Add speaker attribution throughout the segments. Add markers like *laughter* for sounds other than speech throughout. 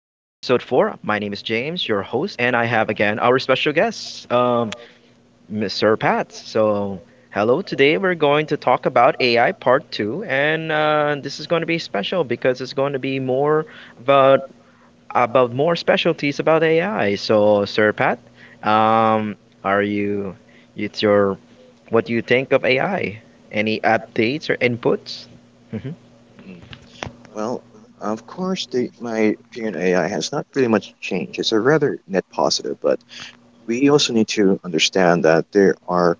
Speaker 1: My name is James, your host, and I have again our special guest, Mr. Pat. So, hello. Today we're going to talk about AI part two, and this is going to be special because it's going to be more about about more specialties about AI. So, Sir Pat, um, are you? It's your what do you think of AI? Any updates or inputs? *laughs*
Speaker 2: Mm. Well, of course, my opinion on AI has not really much changed. It's a rather net positive, but we also need to understand that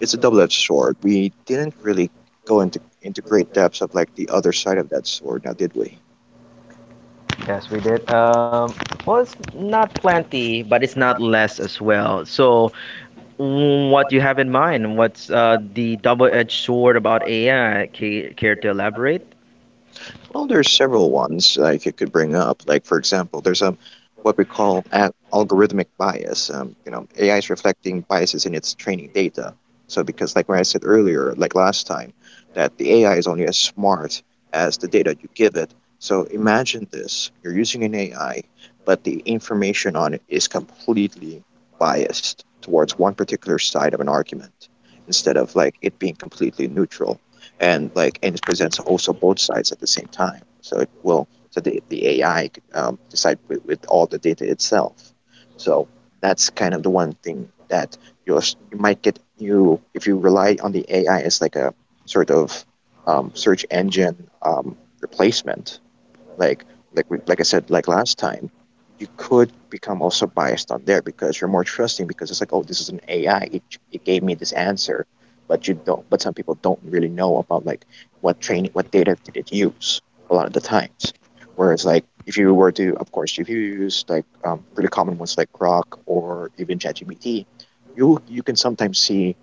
Speaker 2: it's a double-edged sword. We didn't really go into great depths of like the other side of that sword, now did we?
Speaker 1: Yes, we did. Well, it's not plenty, but it's not less as well. So, what do you have in mind? What's the double-edged sword about AI? Care to elaborate?
Speaker 2: Well, there's several ones like it could bring up. Like for example, there's what we call algorithmic bias. You know, AI is reflecting biases in its training data. So because like when I said earlier, like last time, that the AI is only as smart as the data you give it. So imagine this: you're using an AI, but the information on it is completely biased towards one particular side of an argument, instead of like it being completely neutral and like and it presents also both sides at the same time. So it will so the AI could, decide with all the data itself. So that's kind of the one thing that you're, you might get you if you rely on the AI as like a sort of search engine replacement like like I said like last time, you could become also biased on there because you're more trusting because it's like oh this is an AI it gave me this answer, but you don't but some people don't really know about like what data did it use a lot of the times. Whereas like if you were to of course if you use like pretty common ones like Grok or even ChatGPT, you can sometimes see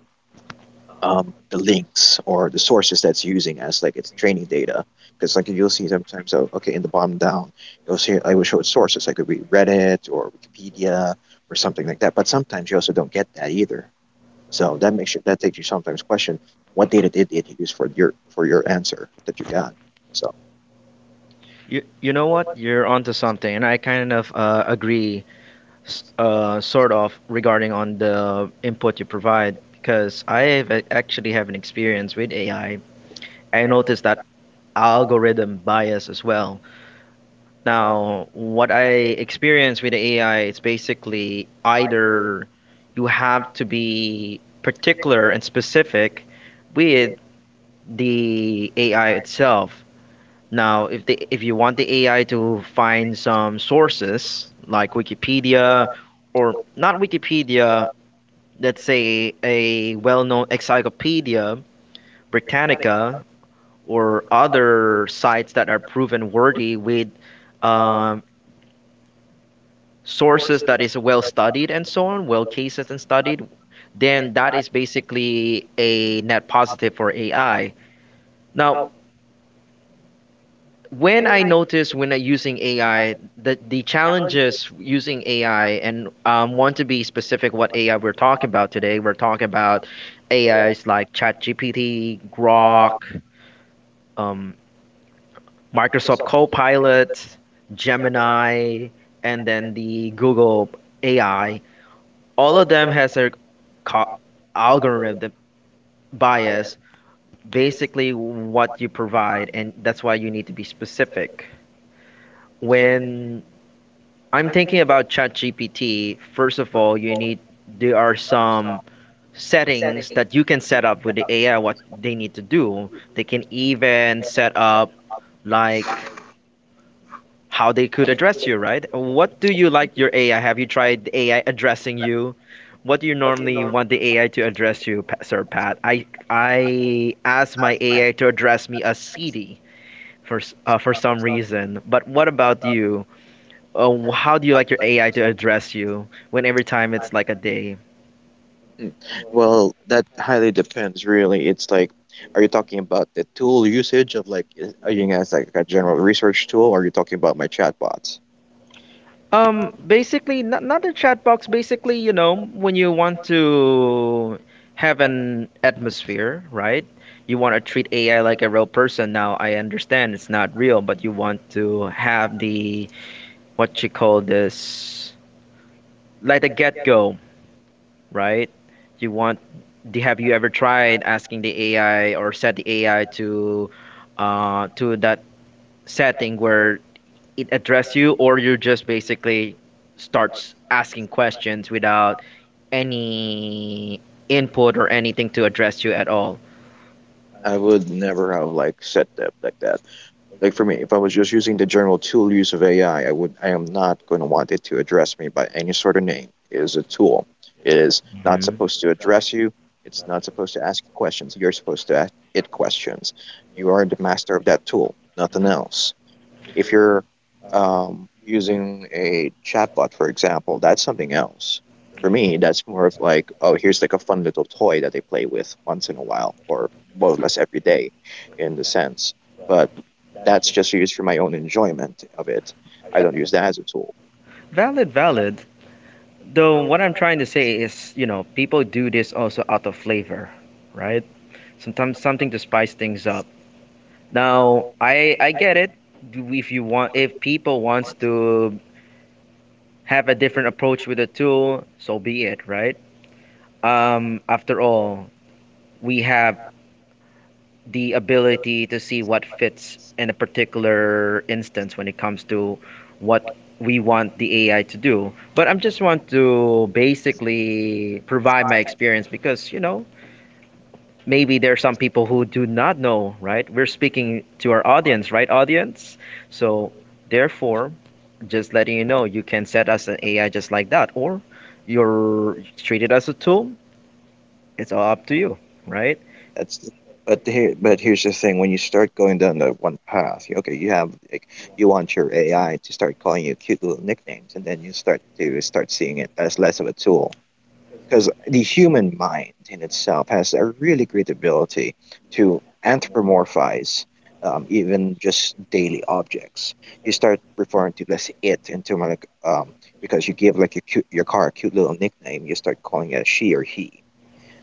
Speaker 2: the links or the sources that's using as like its training data. Because like you'll see sometimes, oh, okay, in the bottom down, you'll see I will show it sources. Like it could be Reddit or Wikipedia or something like that. But sometimes you also don't get that either. So that takes you sometimes question what data did it use for your answer that you got. So
Speaker 1: You know what? You're onto something, and I kind of agree, sort of, regarding on the input you provide, because actually have an experience with AI. I noticed that algorithm bias as well. Now, what I experience with the AI, it's basically either you have to be particular and specific with the AI itself. Now, if you want the AI to find some sources like Wikipedia, or not Wikipedia, let's say a well-known encyclopedia, Britannica, or other sites that are proven worthy with um, sources that is well studied and so on, well cased and studied, then that is basically a net positive for AI. Now, when I notice when I'm using AI, the challenges using AI, and want to be specific what AI we're talking about today, we're talking about AIs like ChatGPT, Grok, um, Microsoft Copilot, Gemini, and then the Google AI. All of them has their co- algorithm, the bias, basically what you provide, and that's why you need to be specific. When I'm thinking about ChatGPT, first of all, you need, there are some settings that you can set up with the AI, what they need to do. They can even set up like how they could address you, right? What do you like your AI? Have you tried AI addressing you? What do you normally want the AI to address you, Sir Pat? I asked my AI to address me as CD for for some reason. But what about you? How do you like your AI to address you when every time it's like a day?
Speaker 2: mm. well, that highly depends. Really, it's like, are you talking about the tool usage of like, are you as like a general research tool, or are you talking about my chatbots?
Speaker 1: Basically, not a chat box. Basically, you know, when you want to have an atmosphere, right? You want to treat AI like a real person. Now, I understand it's not real, but you want to have the, what you call this, like the get-go, right? You want have you ever tried asking the AI or set the AI to that setting where it address you, or you just basically starts asking questions without any input or anything to address you at all?
Speaker 2: I would never have like set that. Like for me, if I was just using the general tool use of AI, I am not going to want it to address me by any sort of name. It is a tool. It is not
Speaker 1: Mhm.
Speaker 2: supposed to address you. It's not supposed to ask you questions. You're supposed to ask it questions. You are the master of that tool, nothing else. If you're using a chatbot, for example, that's something else. For me, that's more of like, oh, here's like a fun little toy that they play with once in a while, or more or less every day, in the sense. But that's just used for my own enjoyment of it. I don't use that as a tool.
Speaker 1: Valid, valid. Though what I'm trying to say is, you know, people do this also out of flavor, right? Sometimes something to spice things up. Now, I get it. If you want, if people wants to have a different approach with the tool, so be it, right? After all, we have the ability to see what fits in a particular instance when it comes to what we want the AI to do. But I'm just want to basically provide my experience because, you know, maybe there are some people who do not know, right? We're speaking to our audience, right, audience? So, therefore, just letting you know, you can set us an AI just like that, or you're treated as a tool. It's all up to you, right?
Speaker 2: That's the, but here's the thing: when you start going down that one path, okay, you have like you want your AI to start calling you cute little nicknames, and then you start seeing it as less of a tool because the human mind in itself has a really great ability to anthropomorphize even just daily objects. You start referring to let's say it into more like because you give like your car a cute little nickname, you start calling it a she or he.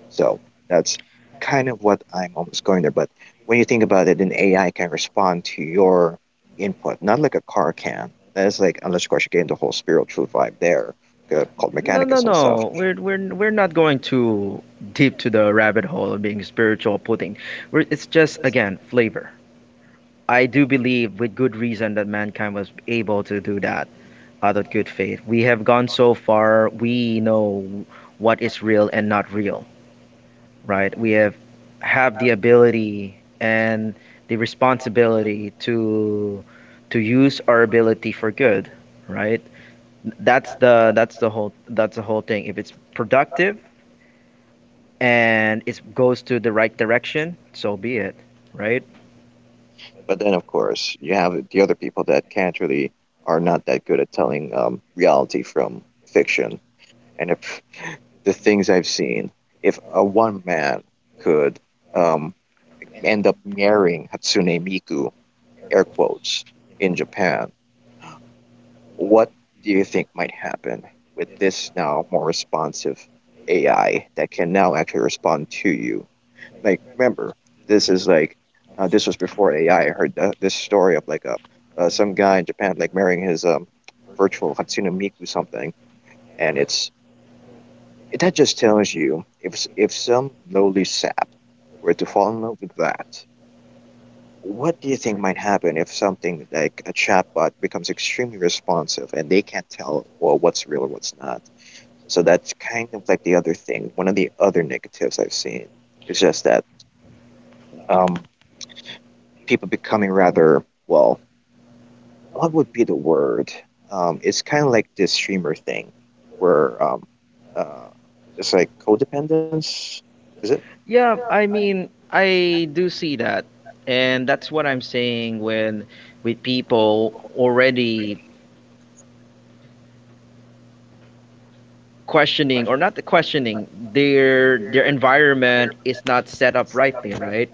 Speaker 2: So that's kind of what I'm almost going there. But when you think about it, an AI can respond to your input, not like a car can. That's like unless of course you get into the whole spiritual vibe there, called
Speaker 1: No, no,
Speaker 2: mechanicus and stuff.
Speaker 1: no. We're not going too deep to the rabbit hole of being spiritual pudding. We're, it's just again flavor. I do believe with good reason that mankind was able to do that out of good faith. We have gone so far. We know what is real and not real, right? We have the ability and the responsibility to use our ability for good, right? That's the whole thing. If it's productive and it goes to the right direction, so be it, right?
Speaker 2: But then, of course, you have the other people that can't really are not that good at telling reality from fiction. And if the things I've seen, if a one man could um, end up marrying Hatsune Miku, air quotes, in Japan, what do you think might happen with this now more responsive AI that can now actually respond to you? Like remember this is like this was before AI. I heard this story of like a some guy in Japan like marrying his virtual Hatsune Miku something, and that just tells you if if some lowly sap were to fall in love with that, what do you think might happen if something like a chatbot becomes extremely responsive and they can't tell well what's real or what's not? So that's kind of like the other thing. One of the other negatives I've seen is just that. Um, People becoming rather well, what would be the word? It's kind of like this streamer thing, where uh, it's like codependence. Is it?
Speaker 1: Yeah, I mean, I do see that. And that's what I'm saying, when with people already questioning, their environment is not set up rightly, right?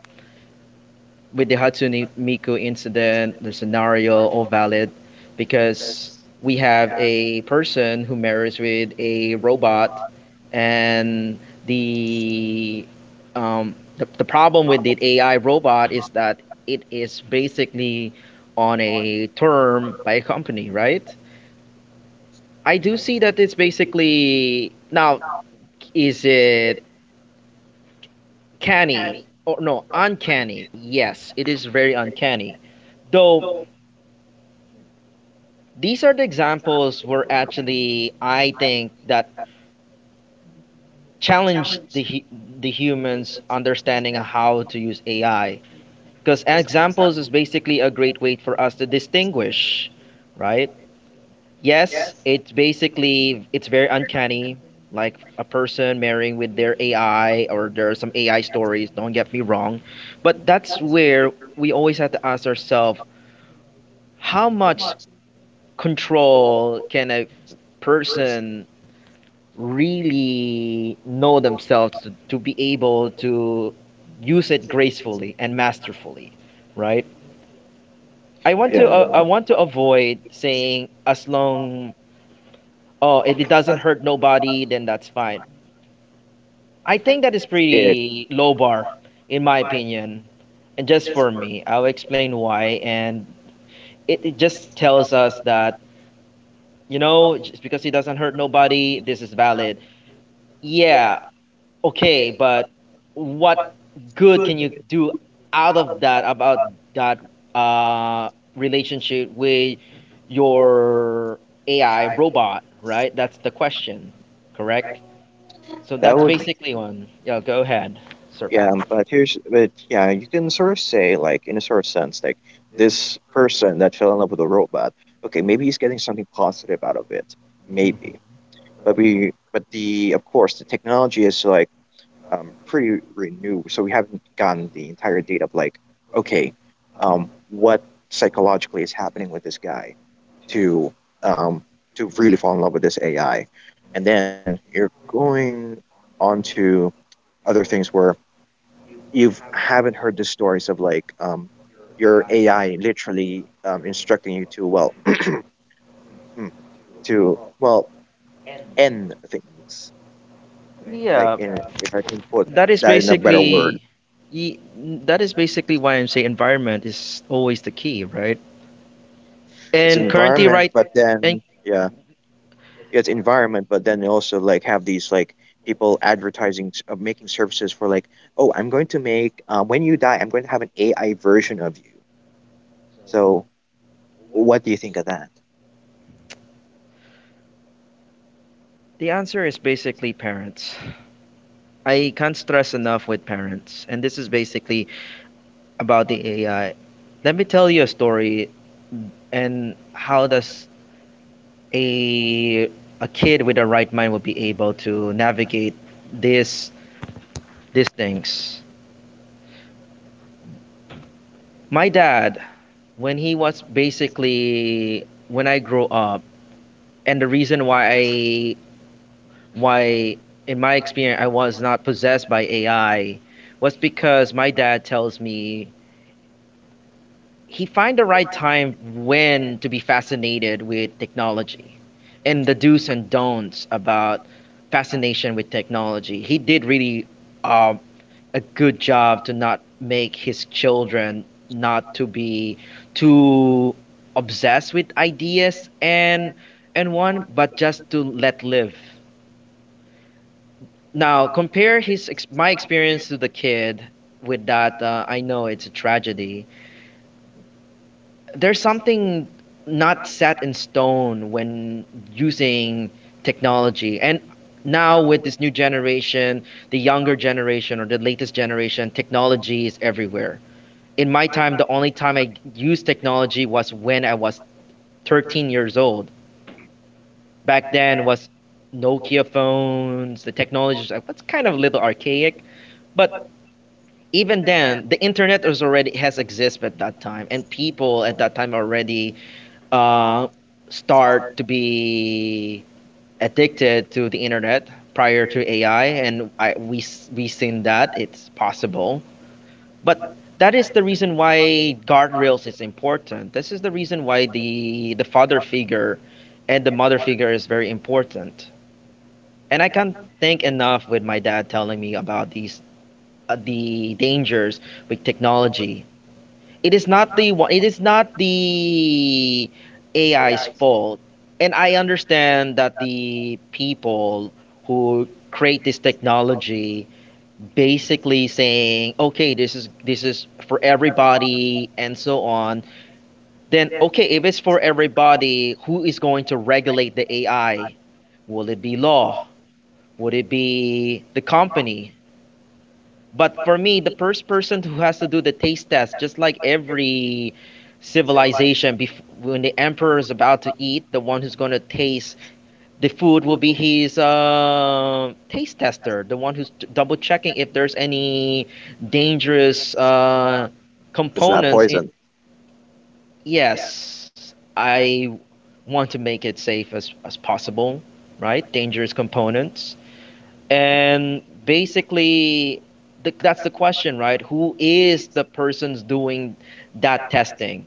Speaker 1: With the Hatsune Miku incident, the scenario all valid, because we have a person who marries with a robot, and the the problem with the AI robot is that it is basically on a term by a company, right? I do see that it's basically now, is it canny or no, uncanny? Yes, it is very uncanny. Though these are the examples where actually I think that challenge the humans understanding how to use AI, because examples is basically a great way for us to distinguish, right? Yes, it's basically it's very uncanny, like a person marrying with their AI, or there are some AI stories, don't get me wrong, but that's where we always have to ask ourselves how much control can a person really know themselves to be able to use it gracefully and masterfully, right?
Speaker 2: Yeah.
Speaker 1: I want to avoid saying, as long, oh, if it doesn't hurt nobody, then that's fine. I think that is
Speaker 2: it.
Speaker 1: pretty low bar, in my opinion, and just for me. I'll explain why. And it just tells us that, you know, just because it doesn't hurt nobody, this is valid. Yeah, okay, but what good can you do out of that, about that uh, relationship with your AI robot, right? That's the question, correct? So
Speaker 2: That
Speaker 1: that's
Speaker 2: would.
Speaker 1: basically one. Yeah, go ahead, Sir
Speaker 2: Yeah.
Speaker 1: Pat.
Speaker 2: But here's. But yeah, you can sort of say like in a sort of sense like this person that fell in love with a robot. Okay, maybe he's getting something positive out of it. Maybe.
Speaker 1: *laughs*
Speaker 2: But we. But the of course the technology is like pretty renew. So we haven't gotten the entire data of like, okay, what psychologically is happening with this guy to um, to really fall in love with this AI, and then you're going on to other things where you haven't heard the stories of like your AI literally instructing you to well *clears throat* to well end things like
Speaker 1: Yeah,
Speaker 2: in, if I can put
Speaker 1: that is
Speaker 2: that in a better
Speaker 1: basically
Speaker 2: word,
Speaker 1: ye- why I'm saying environment is always the key, right?
Speaker 2: it's
Speaker 1: And currently,
Speaker 2: environment,
Speaker 1: right,
Speaker 2: but
Speaker 1: and
Speaker 2: then yeah it's environment, but then they also like have these like people advertising of making services for like, oh, I'm going to make when you die, I'm going to have an AI version of you. So what do you think of that?
Speaker 1: the answer is basically parents. I can't stress enough with parents, and this is basically about the AI. Let me tell you a story, and how does a a kid with a right mind will be able to navigate this these things. My dad, when he was basically when I grew up, and the reason why I why in my experience I was not possessed by AI was because my dad tells me, he find the right time when to be fascinated with technology and the do's and don'ts about fascination with technology. He did really um, a good job to not make his children not to be too obsessed with ideas and one but just to let live. Now compare his my experience to the kid with that, I know it's a tragedy. There's something not set in stone when using technology. And now with this new generation, the younger generation or the latest generation, technology is everywhere. In my time, the only time I used technology was when I was 13 years old. Back then was Nokia phones, the technology was kind of a little archaic, but even then, the internet was already has existed at that time, and people at that time already uh, start to be addicted to the internet prior to AI, and we seen that it's possible. But that is the reason why guardrails is important. This is the reason why the father figure and the mother figure is very important. And I can't thank enough with my dad telling me about these the dangers with technology. It is not the one it is not the AI's fault. And I understand that the people who create this technology basically saying, okay, this is for everybody and so on. Then okay, if it's for everybody, who is going to regulate the AI? Will it be law? Would it be the company? But for me, the first person who has to do the taste test, just like every civilization, when the emperor is about to eat, the one who's going to taste the food will be his taste tester, the one who's double checking if there's any dangerous
Speaker 2: It's not
Speaker 1: components.
Speaker 2: poison.
Speaker 1: Yes, I want to make it safe as possible, right? Dangerous components. And basically, that's the question, right? Who is the person's doing that testing?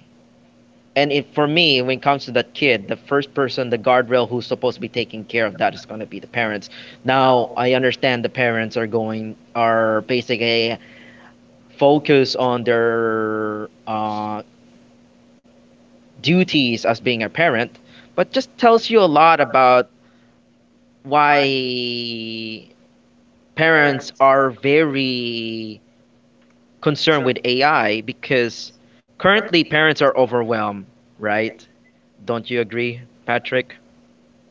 Speaker 1: And if, for me, when it comes to that kid, the first person, the guardrail who's supposed to be taking care of that is going to be the parents. Now, I understand the parents are basically focus on their duties as being a parent, but just tells you a lot about why parents are very concern with AI, because currently parents are overwhelmed, right? Don't you agree, Patrick?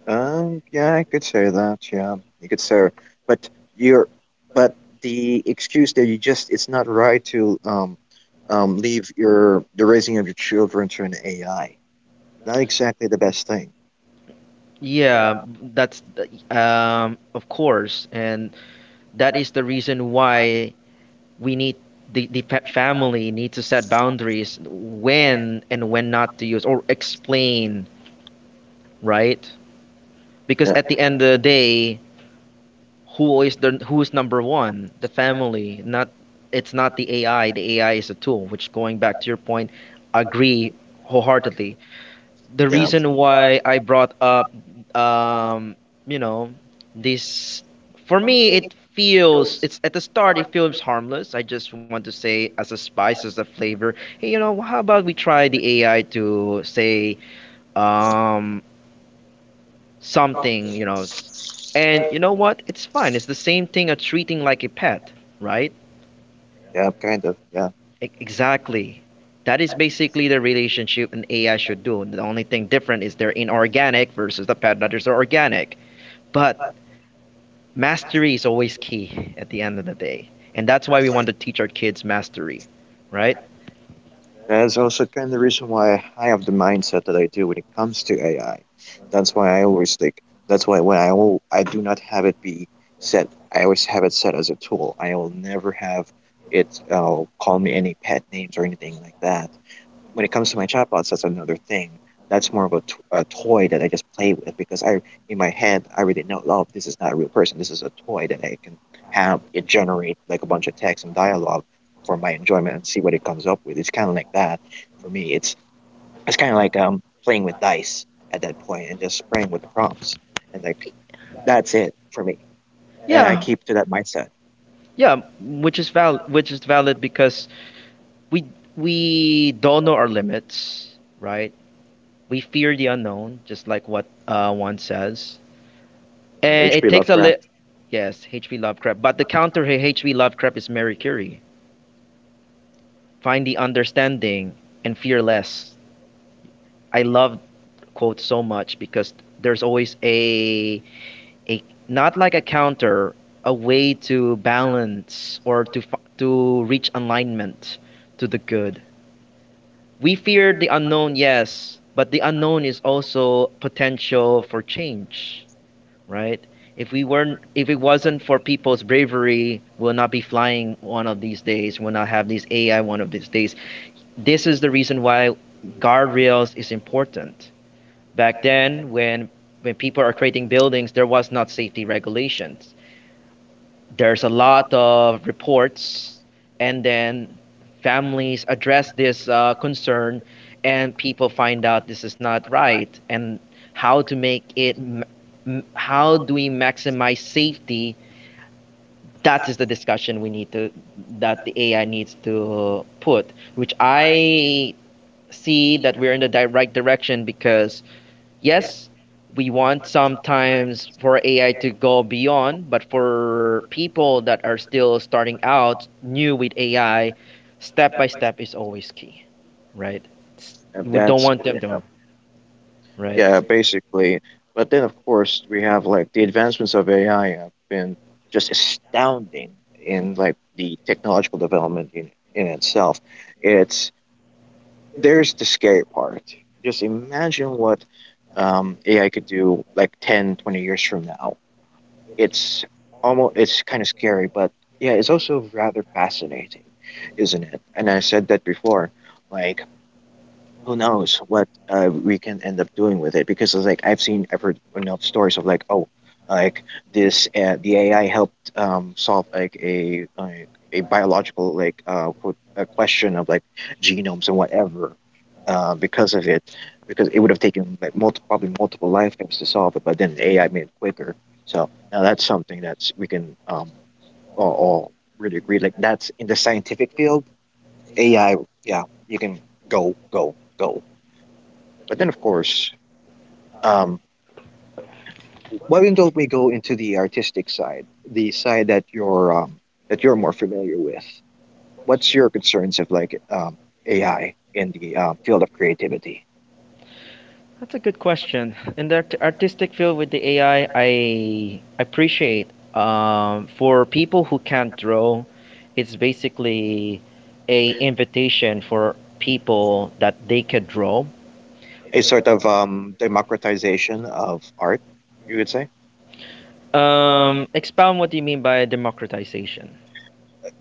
Speaker 2: Yeah, I could say that. Yeah, you could say, but you're, but the excuse that you just it's not right to leave your the raising of your children to an AI. Not exactly the best thing.
Speaker 1: Yeah, that's the- of course, and that is the reason why we need the family need to set boundaries when and when not to use or explain, right? Because
Speaker 2: Yeah,
Speaker 1: at the end of the day, who is the who's number one? The family, not it's not the AI. The AI is a tool, which, going back to your point, agree wholeheartedly. The
Speaker 2: yeah,
Speaker 1: reason why I brought up um you know this, for me, it feels, it's at the start, it feels harmless. I just want to say, as a spice, as a flavor, hey, you know how about we try the AI to say um something, And you know what? It's fine. It's the same thing of treating like a pet, right?
Speaker 2: yeah, kind of. Yeah.
Speaker 1: Exactly. That is basically the relationship an AI should do. The only thing different is they're inorganic versus the pet that is organic. But mastery is always key at the end of the day. And that's why we want to teach our kids mastery, right?
Speaker 2: That's also kind of the reason why I have the mindset that I do when it comes to AI. That's why I always think. That's why I do not have it be set. I always have it set as a tool. I will never have it call me any pet names or anything like that. When it comes to my chatbots, that's another thing. That's more of a toy that I just play with because I, in my head, I already know, oh, this is not a real person. This is a toy that I can have it generate like a bunch of text and dialogue for my enjoyment and see what it comes up with. It's kind of like that for me. It's kind of like playing with dice at that point and just spraying with the prompts and like that's it for me. And I
Speaker 1: Yeah.
Speaker 2: keep to that mindset.
Speaker 1: Yeah, which is valid because we we don't know our limits, right? We fear the unknown, just like what one says. And it
Speaker 2: H.P.
Speaker 1: takes a lit.
Speaker 2: Lovecraft.
Speaker 1: Yes, H.P. Lovecraft. But the counter to H.P. Lovecraft is Mary Curie. Find the understanding and fear less. I love quote so much because there's always a not like a counter, a way to balance or to to reach alignment to the good. We fear the unknown, yes, but the unknown is also potential for change, right? If we weren't, if it wasn't for people's bravery, we'll not be flying one of these days. We'll not have these AI one of these days. This is the reason why guardrails is important. Back then, when people are creating buildings, there was not safety regulations, there's a lot of reports, and then families address this concern, and people find out this is not right, and how to make it, how do we maximize safety? That is the discussion we need to, that the AI needs to put, which I see that we're in the right direction because yes, we want sometimes for AI to go beyond, but for people that are still starting out new with AI, step by step is always key, right? It's, we don't
Speaker 2: That's
Speaker 1: want them to, right?
Speaker 2: Yeah, basically. But then, of course, we have like the advancements of AI have been just astounding in like the technological development in itself. It's there's the scary part. Just imagine what AI could do like 10, 20 years from now. It's almost it's kind of scary, but yeah, it's also rather fascinating, isn't it? And I said that before. Like who knows what we can end up doing with it because it's like I've heard enough stories of like oh like this the AI helped solve like a biological like quote a question of like genomes and whatever because of it because it would have taken like multiple probably multiple lifetimes to solve it but then AI made it quicker so now that's something that's we can all really agree like that's in the scientific field AI yeah you can go but then,
Speaker 1: Y-
Speaker 2: of course, um, why don't we go into the artistic side, the side that you're more familiar with? What's your concerns of like AI in the field of creativity?
Speaker 1: That's a good question. In the artistic field with the AI, I appreciate, for people who can't draw, it's basically a invitation for people that they could draw.
Speaker 2: A sort of democratization of art, you would say.
Speaker 1: Expound what you mean by democratization.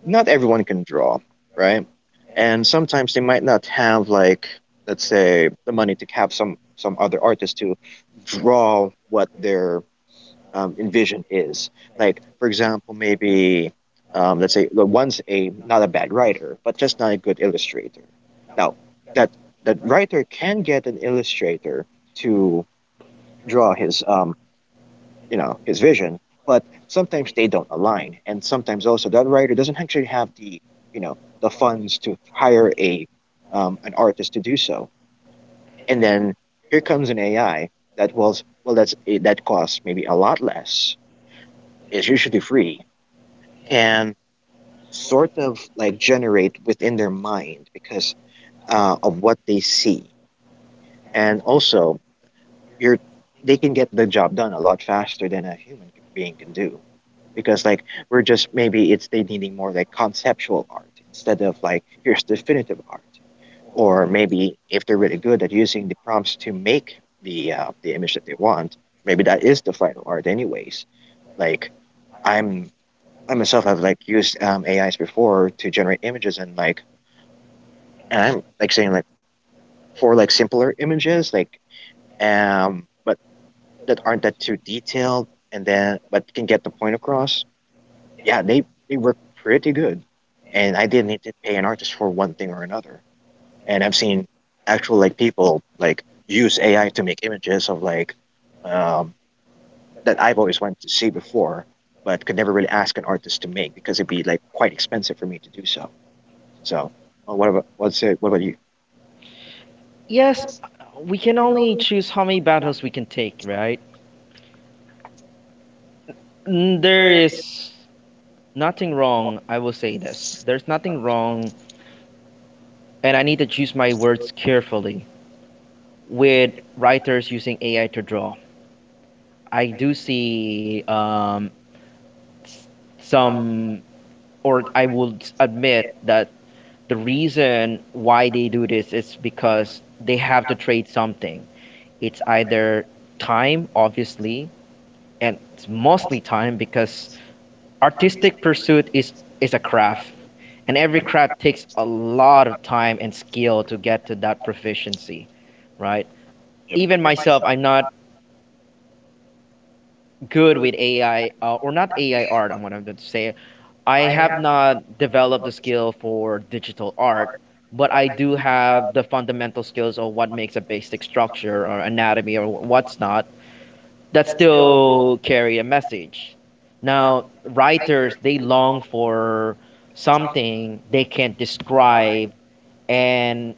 Speaker 2: Not everyone can draw, right? And sometimes they might not have like, let's say, the money to have some other artist to draw what their envision is. Like, for example, maybe let's say the one's a not a bad writer, but just not a good illustrator. Now, that that writer can get an illustrator to draw his his vision, but sometimes they don't align, and sometimes also that writer doesn't actually have the the funds to hire a an artist to do so. And then here comes an AI that was well that's eh, that costs maybe a lot less, is usually free, can sort of like generate within their mind because of what they see, and also you're they can get the job done a lot faster than a human being can do, because like we're just, maybe it's they needing more like conceptual art instead of like here's definitive art. Or maybe if they're really good at using the prompts to make the the image that they want, maybe that is the final art anyways. Like I'm I myself have like used AIs before to generate images, and like, and I'm like saying like for like simpler images, like but that aren't that too detailed, and then but can get the point across. Yeah, they work pretty good, and I didn't need to pay an artist for one thing or another. And I've seen actual like people like use AI to make images of like um that I've always wanted to see before, but could never really ask an artist to make because it'd be like quite expensive for me to do so. So, what about, let's say, what about you?
Speaker 1: Yes, we can only choose how many battles we can take, right? Mm, there is nothing wrong, I will say this. There's nothing wrong, and I need to choose my words carefully with writers using AI to draw. I do see, s- some, or I would admit that the reason why they do this is because they have to trade something. It's either time, obviously, and it's mostly time because artistic pursuit is a craft, and every craft takes a lot of time and skill to get to that proficiency, right?
Speaker 2: Yep.
Speaker 1: Even myself, I'm not good with AI, or not AI art. I'm what I'm going to say. I have not developed the skill for digital art, but I do have the fundamental skills of what makes a basic structure or anatomy or what's not, that still carry a message. Now, writers, they long for something they can describe and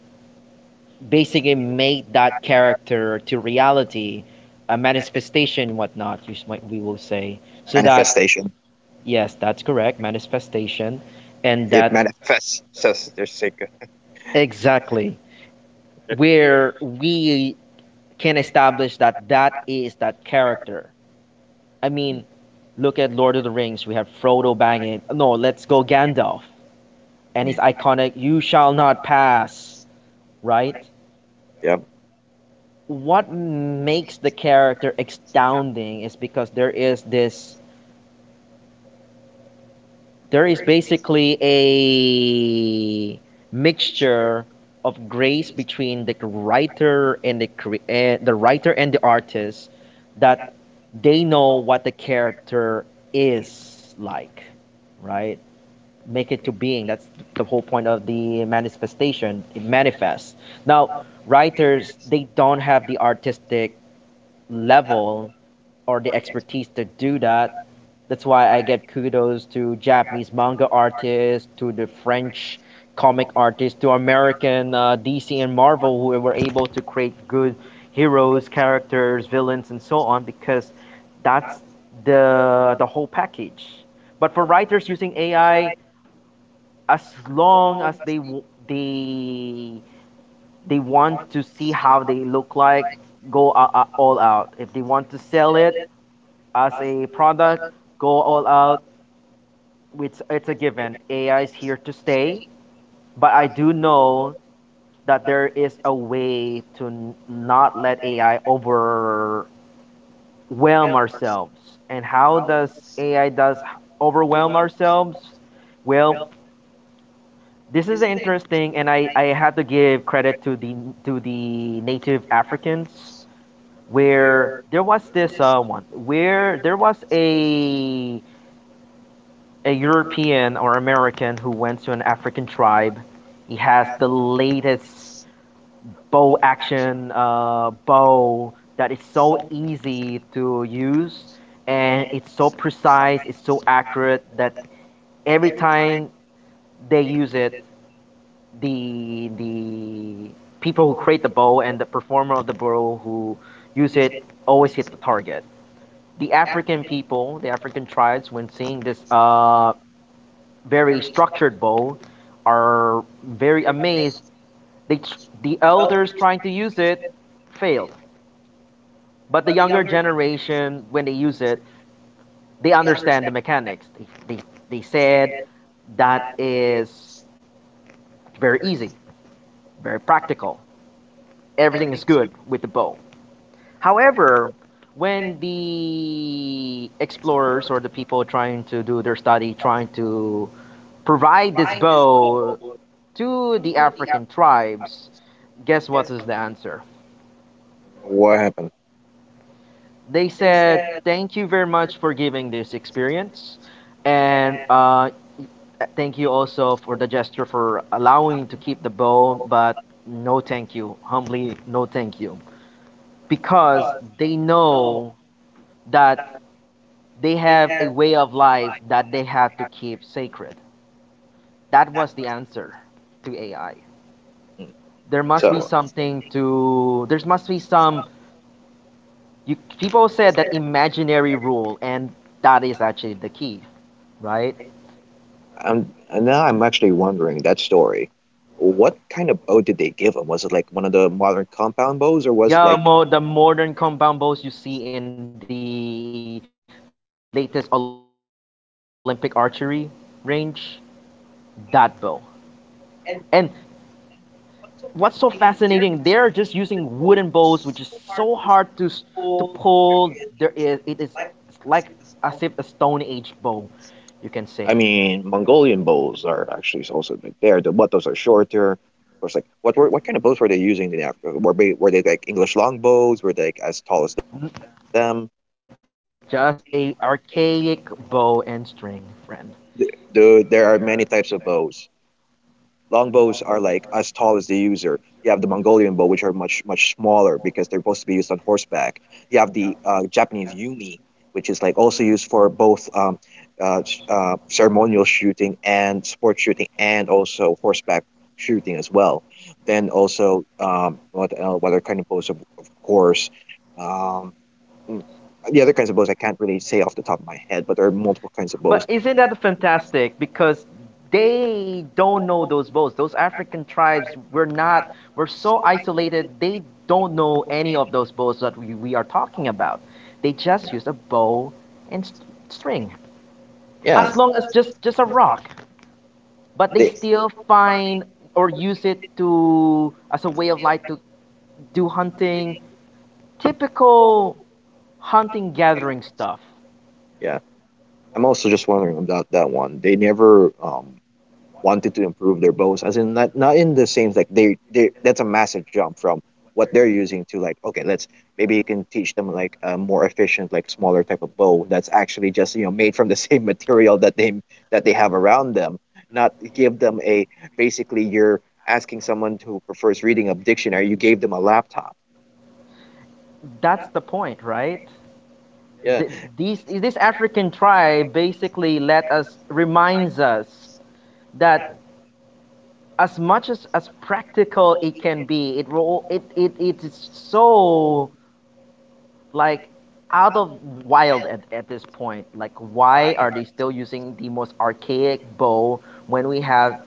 Speaker 1: basically make that character to reality, a manifestation, whatnot, you we will say. So that,
Speaker 2: Jim.
Speaker 1: yes, that's correct, manifestation. And that exactly where we can establish that is that character. I mean, look at Lord of the Rings. We have Frodo banging. No, let's go Gandalf. And
Speaker 2: Mm.
Speaker 1: his iconic, you shall not pass, right?
Speaker 2: Yep.
Speaker 1: What makes the character astounding is because there is basically a mixture of grace between the writer and the the writer and the artist, that they know what the character is like, right, make it to being. That's the whole point of the manifestation. It manifests. Now, writers, they don't have the artistic level or the expertise to do that. That's why I get kudos to Japanese manga artists, to the French comic artists, to American DC and Marvel who were able to create good heroes, characters, villains, and so on because that's the whole package. But for writers using AI, as long as they w- they they want to see how they look like, go all out. If they want to sell it as a product, go all out. It's a given, AI is here to stay. But I do know that there is a way to not let AI overwhelm ourselves. And how does AI does overwhelm ourselves? Well, this is interesting, and I had to give credit to the native Africans, where there was this, one where there was a European or American who went to an African tribe. He has the latest bow that is so easy to use, and it's so precise, it's so accurate, that every time they use it, the people who create the bow and the performer of the bow who use it always hit the target. The African people, the African tribes, when seeing this very structured bow, are very amazed. They, the elders trying to use it failed, but the younger generation, when they use it, they understand the mechanics. They said, that is very easy, very practical. Everything is good with the bow. However, when the explorers or the people trying to do their study, trying to provide this bow to the African tribes, guess what is the answer?
Speaker 2: What happened?
Speaker 1: They said, thank you very much for giving this experience, and thank you also for the gesture for allowing to keep the bow, but no thank you. Humbly, no thank you. Because they know that they have a way of life that they had to keep sacred. That was the answer to AI.
Speaker 2: Mm.
Speaker 1: There must be
Speaker 2: So,
Speaker 1: something to. There must be some. You, people said that imaginary rule, and that is actually the key, right?
Speaker 2: I'm and now I'm actually wondering that story. What kind of bow did they give him? Was it like one of the modern compound bows, or was it
Speaker 1: Yeah,
Speaker 2: like,
Speaker 1: the modern compound bows you see in the latest Olympic archery range, that bow. And what's so fascinating, they're just using wooden bows, which is so hard to pull. There is, it is, it's like, as if a stone age bow, you can say.
Speaker 2: I mean, Mongolian bows are actually also like there. The Those are shorter. Of course, like what kind of bows were they using in Africa? Were they, were they like English
Speaker 1: N-
Speaker 2: longbows? Were they like as tall as
Speaker 1: just
Speaker 2: them?
Speaker 1: a archaic bow and string friend.
Speaker 2: The, there are many types of bows. Longbows are like as tall as the user. You have the Mongolian bow, which are much, much smaller because they're supposed to be used on horseback. You have the Japanese yumi, which is like also used for both ceremonial shooting and sport shooting, and also horseback shooting as well. Then also, what other kind of bows? Of course, um, mm, the other kinds of bows I can't really say off the top of my head, but there are
Speaker 1: But
Speaker 2: multiple
Speaker 1: isn't
Speaker 2: kinds
Speaker 1: that
Speaker 2: of bows.
Speaker 1: fantastic? Because they don't know those boats. Those African tribes were not, were so isolated, they don't know any of those bows that we are talking about. They just use a bow and string, as long as
Speaker 2: Yeah.
Speaker 1: just a rock. But they
Speaker 2: They-
Speaker 1: still find or use it to as a way of life to do hunting, typical hunting gathering stuff.
Speaker 2: They. I'm also just wondering about that one. They never wanted to improve their bows, as in, not, not in the same, like they, that's a massive jump from what they're using to, like, okay, let's maybe you can teach them like a more efficient, like smaller type of bow that's actually just, you know, made from the *laughs* same material that they, that they have around them, not give them a, basically you're asking someone who prefers reading a dictionary, you gave them a laptop.
Speaker 1: That's the point, right?
Speaker 2: Yeah.
Speaker 1: These this African tribe basically let us reminds us that as much as practical it can be, it will, it is so like out of wild at this point. Like why are they still using the most archaic bow when we have,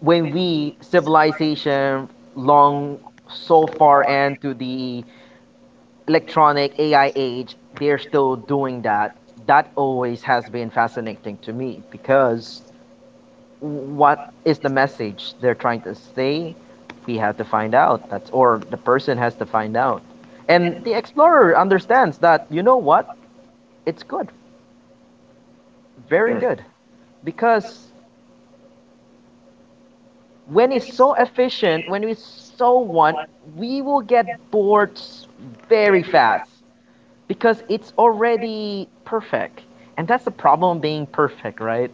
Speaker 1: when we civilization long so far and to the electronic AI age, they're still doing that. That always has been fascinating to me because what is the message they're trying to say? We have to find out. That's or the person has to find out. And the explorer understands that you know what? It's good, very good, because when it's so efficient, when it's so one, we will get bored very fast, because it's already perfect. And that's the problem being perfect, right?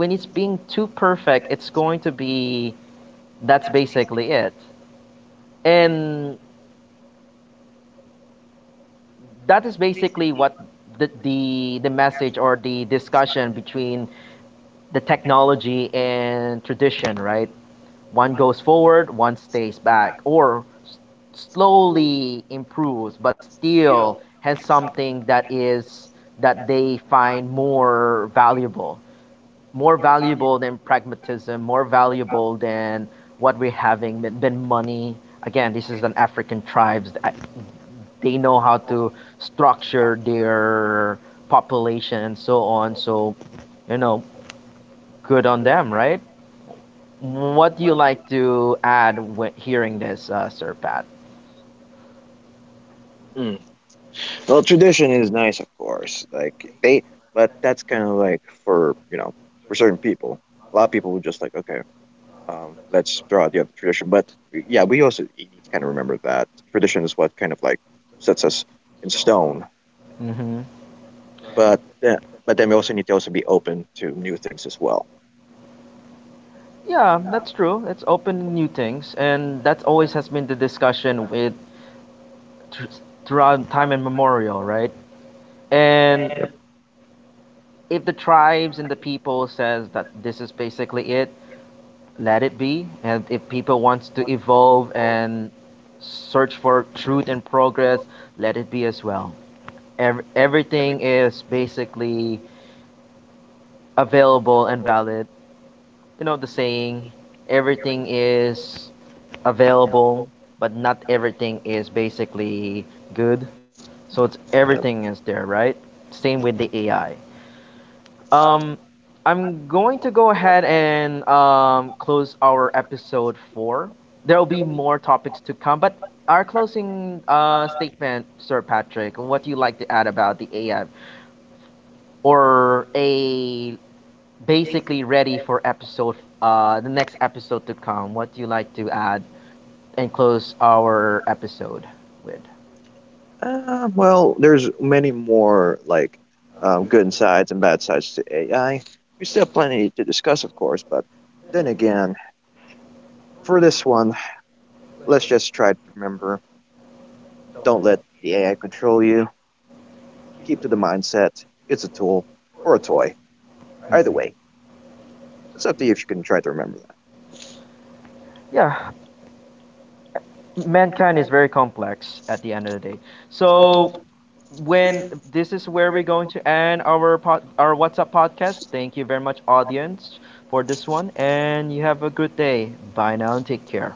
Speaker 1: When it's being too perfect, it's going to be, that's basically it. And that is basically what the message or the discussion between the technology and tradition, right? One goes forward, one stays back or slowly improves, but still has something that is, that they find more valuable, more valuable than pragmatism, more valuable than what we're having, than money. Again, this is an African tribes. They know how to structure their population and so on. So, you know, good on them, right? What do you like to add when hearing this, Sir Pat?
Speaker 2: Mm. Well, tradition is nice, of course. Like they, but that's kind of like for, you know, for certain people. A lot of people would just like, okay, let's throw out the other tradition. But yeah, we also need to kind of remember that tradition is what kind of like sets us in stone.
Speaker 1: Hmm.
Speaker 2: But then, but then we also need to also be open to new things as well.
Speaker 1: Yeah, that's true. It's open new things, and that always has been the discussion with thr- throughout time immemorial, right? And if the tribes and the people says that this is basically it, let it be. And if people wants to evolve and search for truth and progress, let it be as well. Everything is basically available and valid. You know the saying, everything is available, but not everything is basically good. So it's
Speaker 2: Yeah.
Speaker 1: everything is there, right? Same with the AI. Um, I'm going to go ahead and close our episode 4. There will be more topics to come, but our closing statement, Sir Patrick, what do you like to add about the AI, or a basically ready for episode the next episode to come? What do you like to add and close our episode with?
Speaker 2: Well, there's many more like good sides and bad sides to AI. We still have plenty to discuss, of course. But then again, for this one, let's just try to remember: don't let the AI control you. Keep to the mindset. It's a tool or a toy. Either
Speaker 1: Mm.
Speaker 2: way, it's up to you if you can try to remember that.
Speaker 1: Yeah, mankind is very complex at the end of the day. So when this is where we're going to end our pod, our WhatsApp podcast. Thank you very much, audience, for this one, and you have a good day. Bye now and take care.